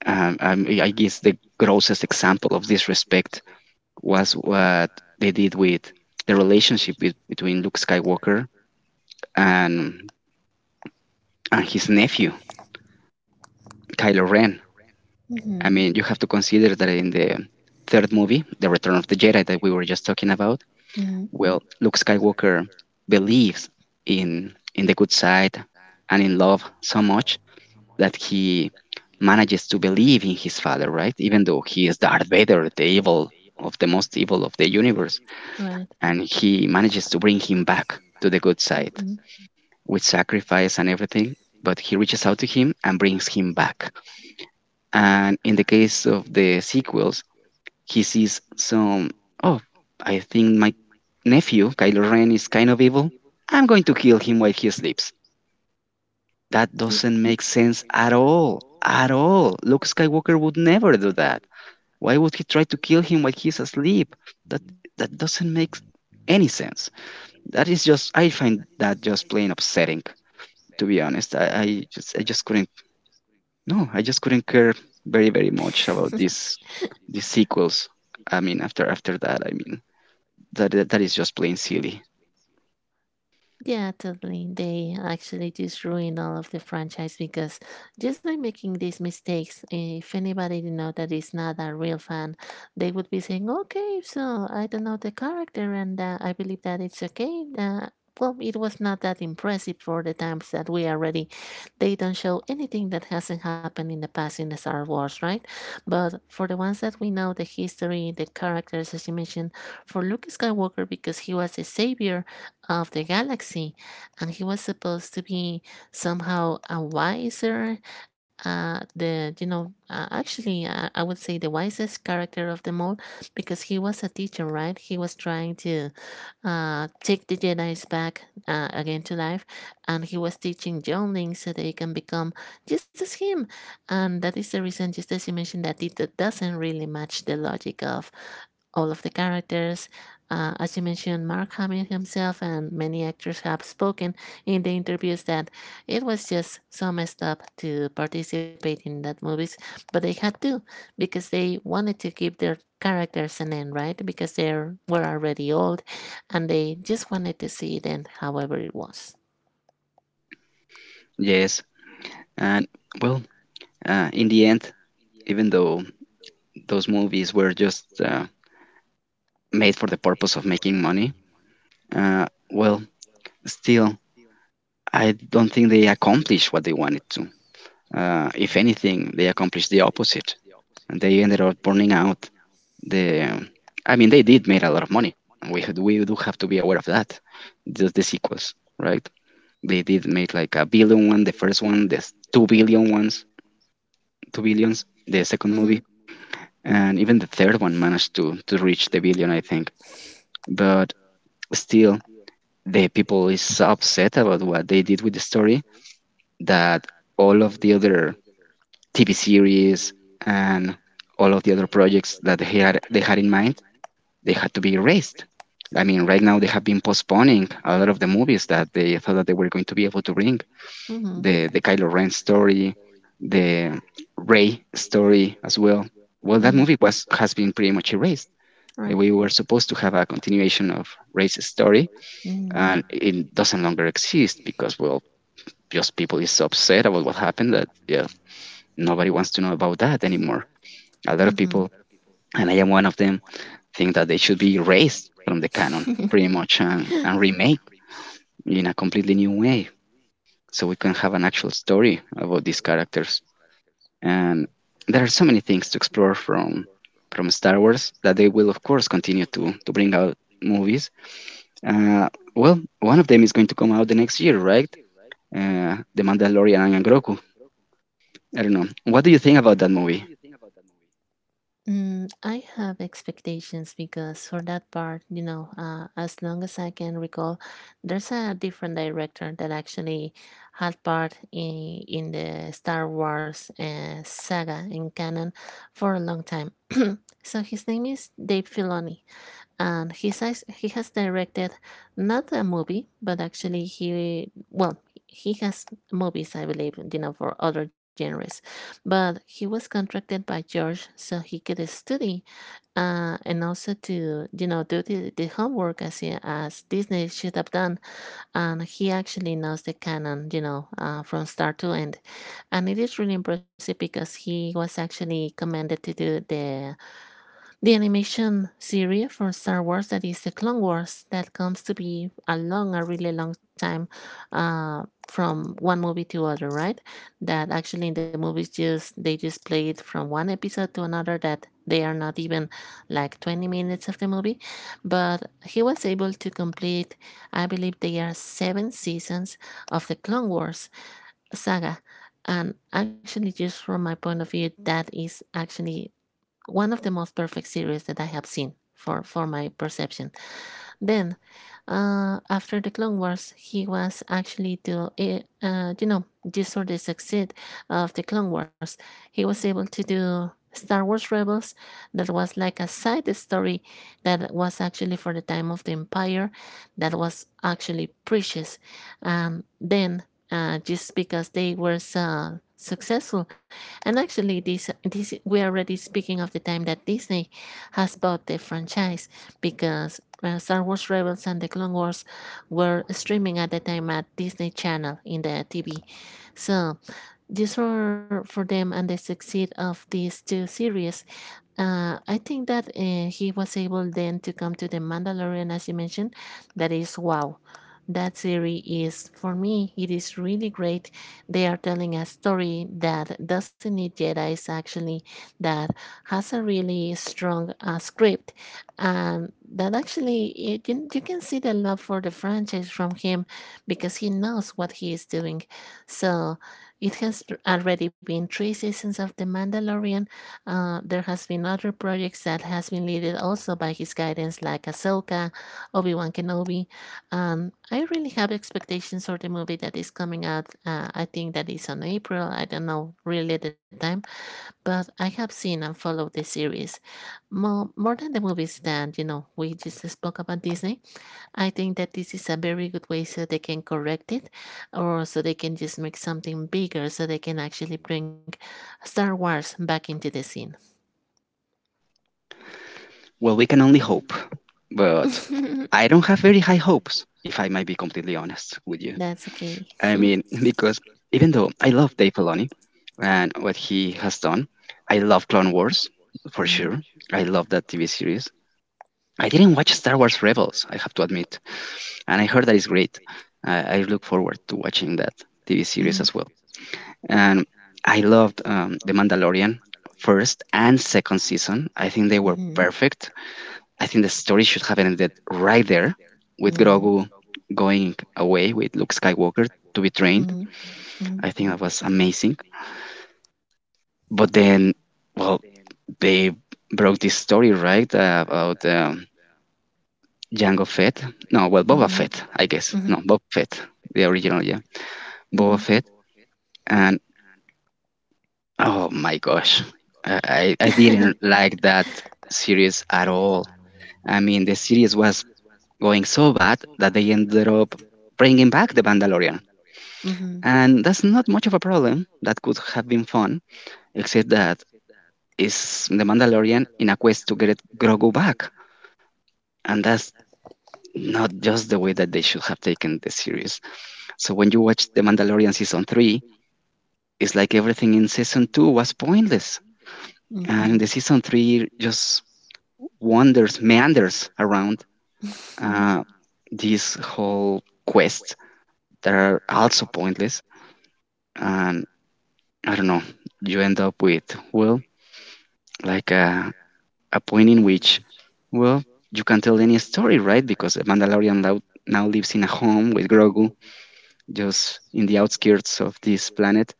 A: I guess the grossest example of disrespect was what they did with the relationship between Luke Skywalker and and his nephew Kylo Ren.
B: Mm-hmm.
A: I mean, you have to consider that in the third movie, The Return of the Jedi, that we were just talking about,
B: Mm-hmm.
A: well, Luke Skywalker believes in the good side and in love so much that he manages to believe in his father, right? Even though he is Darth Vader, the evil of the most evil of the universe,
B: Right.
A: and he manages to bring him back to the good side
B: Mhm.
A: with sacrifice and everything. But he reaches out to him and brings him back. And in the case of the sequels, he sees some, oh, I think my nephew, Kylo Ren, is kind of evil. I'm going to kill him while he sleeps. That
B: Ye-
A: doesn't make sense at all. At all. Luke Skywalker would never do that. Why would he try to kill him while he's asleep? That that doesn't make any sense. That is just I find that just plain upsetting, to be honest. I just couldn't no, I just couldn't care very, very much about these sequels. I mean after that, I mean that that is just plain silly.
B: Yeah, totally. They actually just ruined all of the franchise because just by making these mistakes, if anybody didn't know, that is not a real fan, they would be saying, "Okay, so I don't know the character, and I believe that it's okay." Well, it was not that impressive for the times that we are ready. They don't show anything that hasn't happened in the past in the Star Wars, right? But for the ones that we know, the history, the characters, as you mentioned, for Luke Skywalker because he was a savior of the galaxy, and he was supposed to be somehow a wiser, the you know actually I would say the wisest character of them all because he was a teacher, right? He was trying to take the Jedi's back again to life, and he was teaching younglings so they can become just as him, and that is the reason, just as you mentioned, that it doesn't really match the logic of all of the characters. As you mentioned, Mark Hamill himself and many actors have spoken in the interviews that it was just so messed up to participate in that movies, but they had to because they wanted to give their characters an end, right? Because they were already old, and they just wanted to see it end, however it was.
A: Yes. And well, in the end, even though those movies were just made for the purpose of making money, uh, well, still, I don't think they accomplished what they wanted to. If anything, they accomplished the opposite, and they ended up burning out the. I mean, they did made a lot of money. We do have to be aware of that. Just the sequels, right? They did make like a billion one, the first one, the 2 billion ones, two billions, the second
B: Mm-hmm.
A: movie, and even the third one managed to reach the billion, I think. But still, the people is so upset about what they did with the story that all of the other TV series and all of the other projects that they had in mind they had to be erased. I mean, right now they have been postponing a lot of the movies that they thought that they were going to be able to bring
B: Mm-hmm.
A: the Kylo Ren story, the Ray story as well. Well, that
B: Mm.
A: movie was has been pretty much erased. We
B: Right.
A: were supposed to have a continuation of Ray's story,
B: Mm-hmm.
A: and it doesn't longer exist because well just people is so upset about what happened that yeah, nobody wants to know about that anymore. A lot of people, and I am one of them, think that they should be erased from the canon
B: Mm-hmm.
A: pretty much and remade in a completely new way so we can have an actual story about these characters. And there are so many things to explore from Star Wars that they will of course continue to bring out movies. Uh, One of them is going to come out the next year, right? The Mandalorian and Grogu. I don't know. What do you think about that movie?
B: Mm, I have expectations because for that part, you know, as long as I can recall, there's a different director that actually had part in the Star Wars saga in canon for a long time. So his name is Dave Filoni, and he says he has directed not a movie, but actually he, well, he has movies, I believe, you know, for other genres. But he was contracted by George so he could study, and also to, you know, do the homework as Disney should have done. And he actually knows the canon, you know, from start to end. And it is really impressive because he was actually commanded to do the animation series from Star Wars, that is the Clone Wars, that comes to be a really long time, from one movie to other, right? That actually in the movies, just they just play it from one episode to another, that they are not even like 20 minutes of the movie. But he was able to complete, I believe, they are 7 seasons of the Clone Wars saga. And actually, just from my point of view, that is actually one of the most perfect series that I have seen, for my perception. Then, after the Clone Wars, he was actually to, you know, just for the success of the Clone Wars, he was able to do Star Wars Rebels, that was like a side story, that was actually for the time of the Empire, that was actually precious. Then, just because they were so successful, and actually, this we are already speaking of the time that Disney has bought the franchise, because Star Wars Rebels and the Clone Wars were streaming at the time at Disney Channel in the TV. So, just for them and the success of these two series, I think that he was able then to come to the Mandalorian, as you mentioned. That is wow. That series is for me. It is really great. They are telling a story that doesn't need Jedi's actually, that has a really strong script, and that actually it, you can see the love for the franchise from him, because he knows what he is doing. So it has already been 3 seasons of the Mandalorian. There has been other projects that has been led also by his guidance, like Ahsoka, Obi Wan Kenobi. I really have expectations for the movie that is coming out. I think that is on April. I don't know really the time, but I have seen and followed the series more than the movies. Than, you know, we just spoke about Disney. I think that this is a very good way so they can correct it, or so they can just make something bigger, so they can actually bring Star Wars back into the scene.
A: Well, we can only hope, but I don't have very high hopes, if I might be completely honest with you.
B: That's okay.
A: I mean, because even though I love Dave Filoni and what he has done, I love Clone Wars for
B: hmm
A: sure. I love that TV series. I didn't watch Star Wars Rebels, I have to admit, and I heard that it's great. I look forward to watching that TV series
B: Hmm.
A: as well. And I loved The Mandalorian first and second season. I think they were
B: Mhm.
A: perfect. I think the story should have ended right there with
B: mm
A: Grogu going away with Luke Skywalker to be trained.
B: mm mm
A: I think that was amazing. But then, well, they broke this story, right, about Jango Fett. No, well,
B: Uh,
A: Boba
B: mm
A: Fett, I guess.
B: Mhm.
A: No, Boba Fett, the original, yeah. Boba
B: mm
A: Fett. And oh my gosh, I didn't like that series at all. I mean, the series was going so bad that they ended up bringing back the Mandalorian.
B: Mm-hmm.
A: And that's not much of a problem. That could have been fun, except that is the Mandalorian in a quest to get Grogu back. And that's not just the way that they should have taken the series. So when you watch The Mandalorian season three, it's like everything in season two was pointless.
B: Mm-hmm.
A: And the season three just wanders, meanders around uh, this whole quest that are also pointless. And I don't know, you end up with, well, like a point in which, well, you can tell any story, right? Because the Mandalorian now lives in a home with Grogu, just in the outskirts of this planet,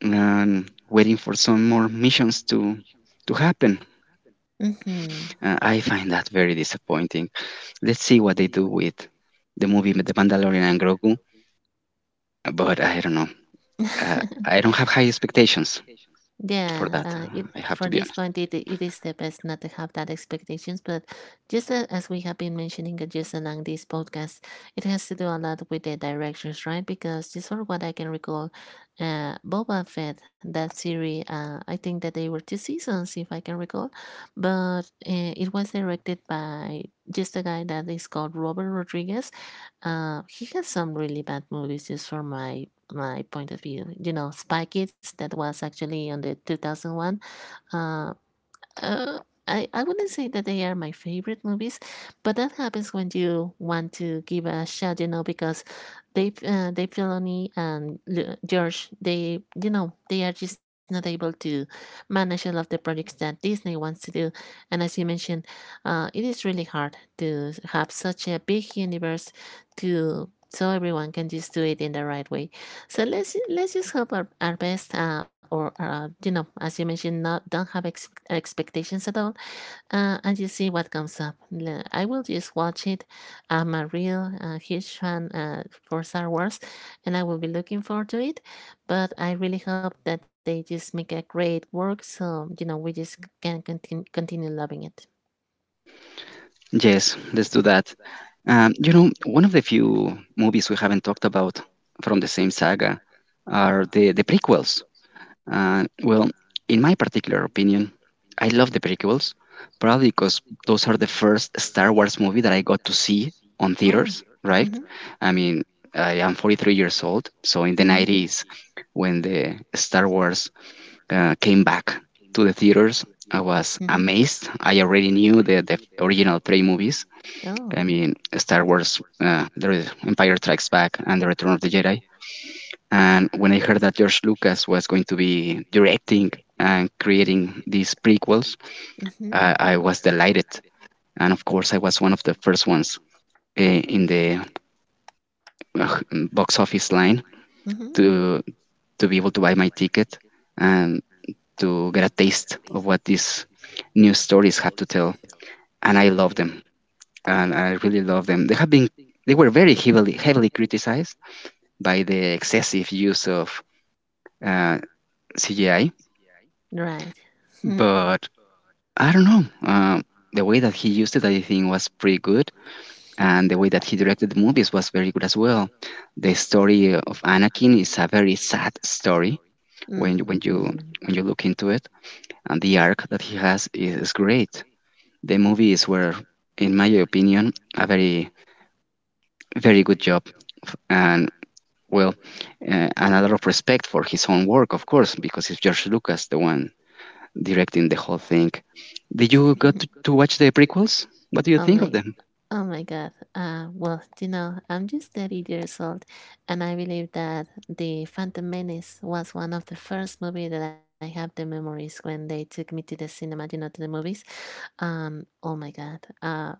A: and waiting for some more missions to happen.
B: Mm-hmm.
A: I find that very disappointing. Let's see what they do with the movie The Mandalorian and Grogu, but I don't know. I don't have high expectations
B: Yeah,
A: for that. I
B: for
A: have to
B: this
A: be
B: point,
A: honest.
B: it is the best not to have that expectations. But just as we have been mentioning, just along this podcast, it has to do a lot with the directions, right? Because just for what I can recall, Boba Fett, that series, I think that they were 2 seasons, if I can recall, but it was directed by just a guy that is called Robert Rodriguez. He has some really bad movies, just for my point of view. You know, Spy Kids, that was actually on the 2001. Uh, uh, I wouldn't say that they are my favorite movies, but that happens when you want to give a shot, you know, because Dave Filoni and George, they, you know, they are just not able to manage all of the projects that Disney wants to do. And as you mentioned, it is really hard to have such a big universe to so everyone can just do it in the right way. So let's just hope our best, or you know, as you mentioned, not don't have expectations at all, and just see what comes up. I will just watch it. I'm a real huge fan for Star Wars, and I will be looking forward to it. But I really hope that they just make a great work, so, you know, we just can continue loving it.
A: Yes, let's do that. You know, one of the few movies we haven't talked about from the same saga are the prequels. Uh, well, in my particular opinion, I love the prequels, probably because those are the first Star Wars movie that I got to see on
B: Wow.
A: theaters, right?
B: Mm-hmm.
A: I mean, I am 43 years old, so in the
B: Mm-hmm.
A: 90s, when the Star Wars came back to the theaters, I
B: I Mm-hmm.
A: was amazed. I already knew the original three movies,
B: Oh.
A: I mean, Star Wars, the Empire Strikes Back, and The Return of the Jedi. And when I heard that George Lucas was going to be directing and creating these prequels,
B: Mm-hmm.
A: I was delighted. And of course, I was one of the first ones in the uh, box office line
B: Mm-hmm.
A: to to be able to buy my ticket and to get a taste of what these new stories have to tell. And I love them, and I really love them. They have been they were very heavily heavily criticized by the excessive use of uh, CGI.
B: Right.
A: But I don't know. The way that he used it, I think, was pretty good. And the way that he directed the movies was very good as well. The story of Anakin is a very sad story
B: When
A: when when
B: Mm-hmm.
A: you when you look into it, and the arc that he has is great. The movies were, in my opinion, a very very good job, and well, and a lot of respect for his own work, of course, because it's George Lucas, the one directing the whole thing. Did you got to watch the prequels? What do you
B: Oh
A: think of
B: my
A: them?
B: Oh my God. Well, you know, I'm just 30 years old, and I believe that The Phantom Menace was one of the first movie that I have the memories when they took me to the cinema, you know, to the movies. Oh my God.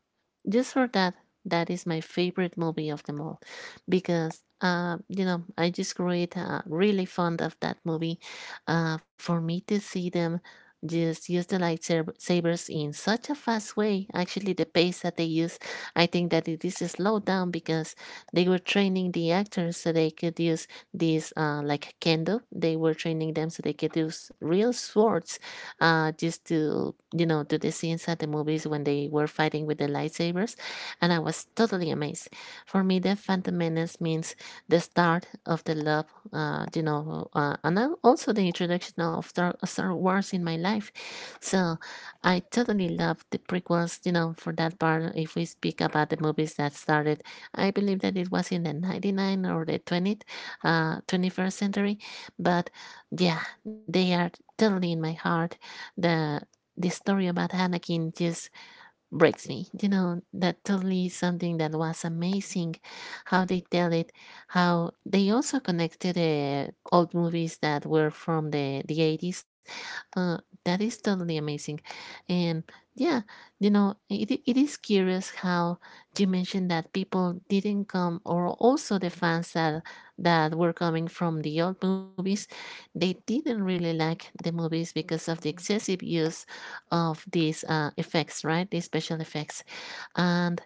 B: Just for that is my favorite movie of them all, because you know, I just grew really fond of that movie. For me to see them just use the lightsabers in such a fast way, actually the pace that they use, I think that it is slowed down, because they were training the actors so they could use these like kendo, they were training them so they could use real swords, just to, you know, do the scenes at the movies when they were fighting with the lightsabers, and I was totally amazed. For me, the Phantom Menace means the start of the love, and also the introduction of Star Wars in my life. So I totally love the prequels, you know, for that part. If we speak about the movies that started, I believe that it was in the 99 or the 20th, 21st century, but yeah, they are totally in my heart. the the story about Anakin just breaks me. You know, that totally is something that was amazing how they tell it, how they also connect to the old movies that were from the 80s. Uh, that is totally amazing. And yeah, you know, it is curious how you mentioned that people didn't come, or also the fans that were coming from the old movies, they didn't really like the movies because of the excessive use of these effects, right? These special effects. And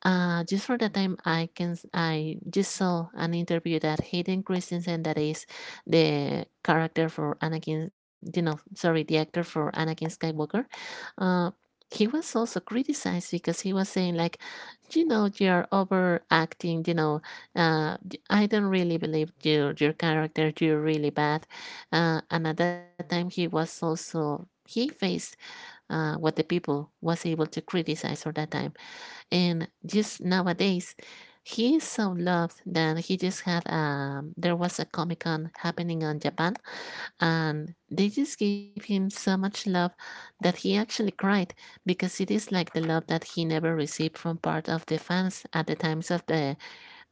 B: just for that time, I just saw an interview that Hayden Christensen, that is the character for Anakin, you know, sorry, the actor for Anakin Skywalker. Uh, he was also criticized because he was saying like, you know, you're overacting. You know, uh, I don't really believe your character. You're really bad. And at that time, he was also he faced what the people was able to criticize for that time. And just nowadays, he is so loved that he just had, there was a Comic Con happening in Japan, and they just gave him so much love that he actually cried, because it is like the love that he never received from part of the fans at the times of the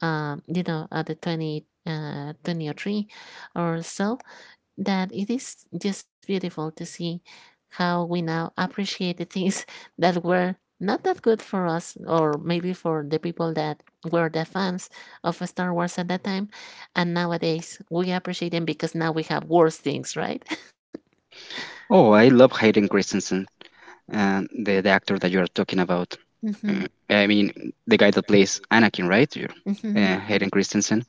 B: you know, at the 20 2003 or so. That it is just beautiful to see how we now appreciate the things that were not that good for us, or maybe for the people that were the fans of Star Wars at that time, and nowadays we appreciate them because now we have worse things, right?
A: Oh, I love Hayden Christensen, and the actor that you're talking about.
B: hmm
A: I mean, the guy that plays Anakin, right? You-
B: hmm
A: Hayden Christensen.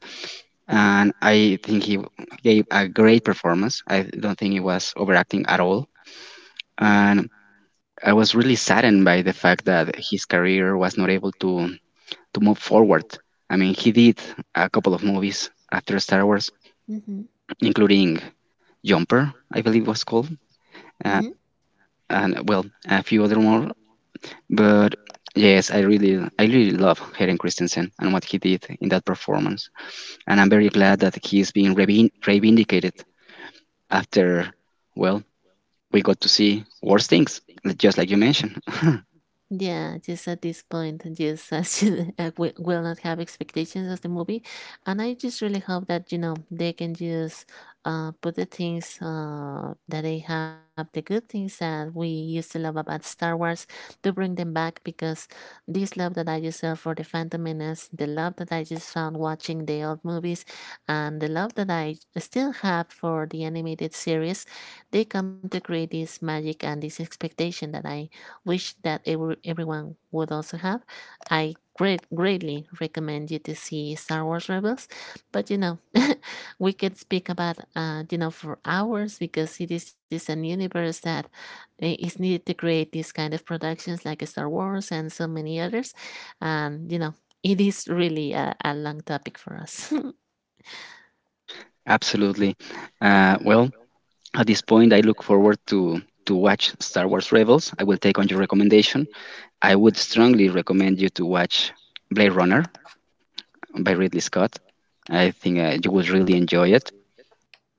A: And I think he gave a great performance. I don't think he was overacting at all. And I was really saddened by the fact that his career was not able to move forward. I mean, he did a couple of movies after Star Wars,
B: hmm
A: including Jumper, I believe was called,
B: hmm
A: uh, and well, a few other more. But yes, I really love Hayden Christensen and what he did in that performance, and I'm very glad that he is being reinvindicated after, well, we got to see worse things, just like you mentioned.
B: Yeah, just at this point, just as you, will not have expectations of the movie, and I just really hope that, you know, they can just put the things that they have, the good things that we used to love about Star Wars, to bring them back, because this love that I just felt for the Phantom Menace, the love that I just found watching the old movies, and the love that I still have for the animated series, they come to create this magic and this expectation that I wish that everyone would also have. I greatly recommend you to see Star Wars Rebels, but you know, we could speak about, you know, for hours, because it is just an universe that is needed to create these kind of productions like Star Wars and so many others, and you know, it is really a long topic for us.
A: Absolutely. Uh, well, at this point, I look forward to watch Star Wars Rebels. I will take on your recommendation. I would strongly recommend you to watch Blade Runner by Ridley Scott. I think you would really enjoy it.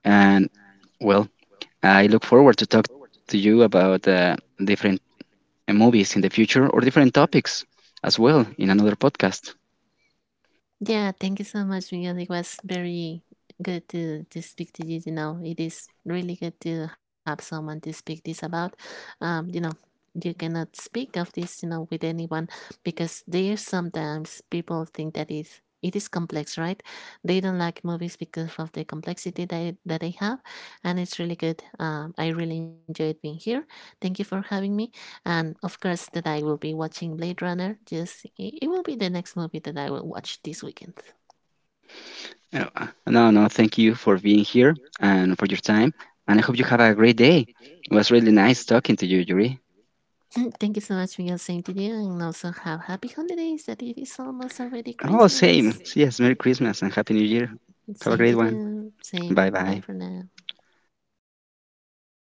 A: And well, I look forward to talk to you about different movies in the future or different topics as well in another podcast.
B: Yeah, thank you so much, Miguel. It was very good to speak to you. You know, it is really good to have someone to speak this about. You know, you cannot speak of this, you know, with anyone, because there sometimes people think that it is complex, right? They don't like movies because of the complexity that they have, and it's really good. I really enjoyed being here. Thank you for having me. And of course, that I will be watching Blade Runner. Just will be the next movie that I will watch this weekend.
A: No, no, thank you for being here and for your time. And I hope you have a great day. It was really nice talking to you, Yuri.
B: Thank you so much, Miguel. Same to you, and also have happy holidays. That it is almost already
A: Oh,
B: Christmas.
A: same. Yes, Merry Christmas and Happy New Year. Have a
B: Same
A: great
B: to
A: one.
B: you. Same.
A: Bye
B: Bye
A: bye.
B: for now.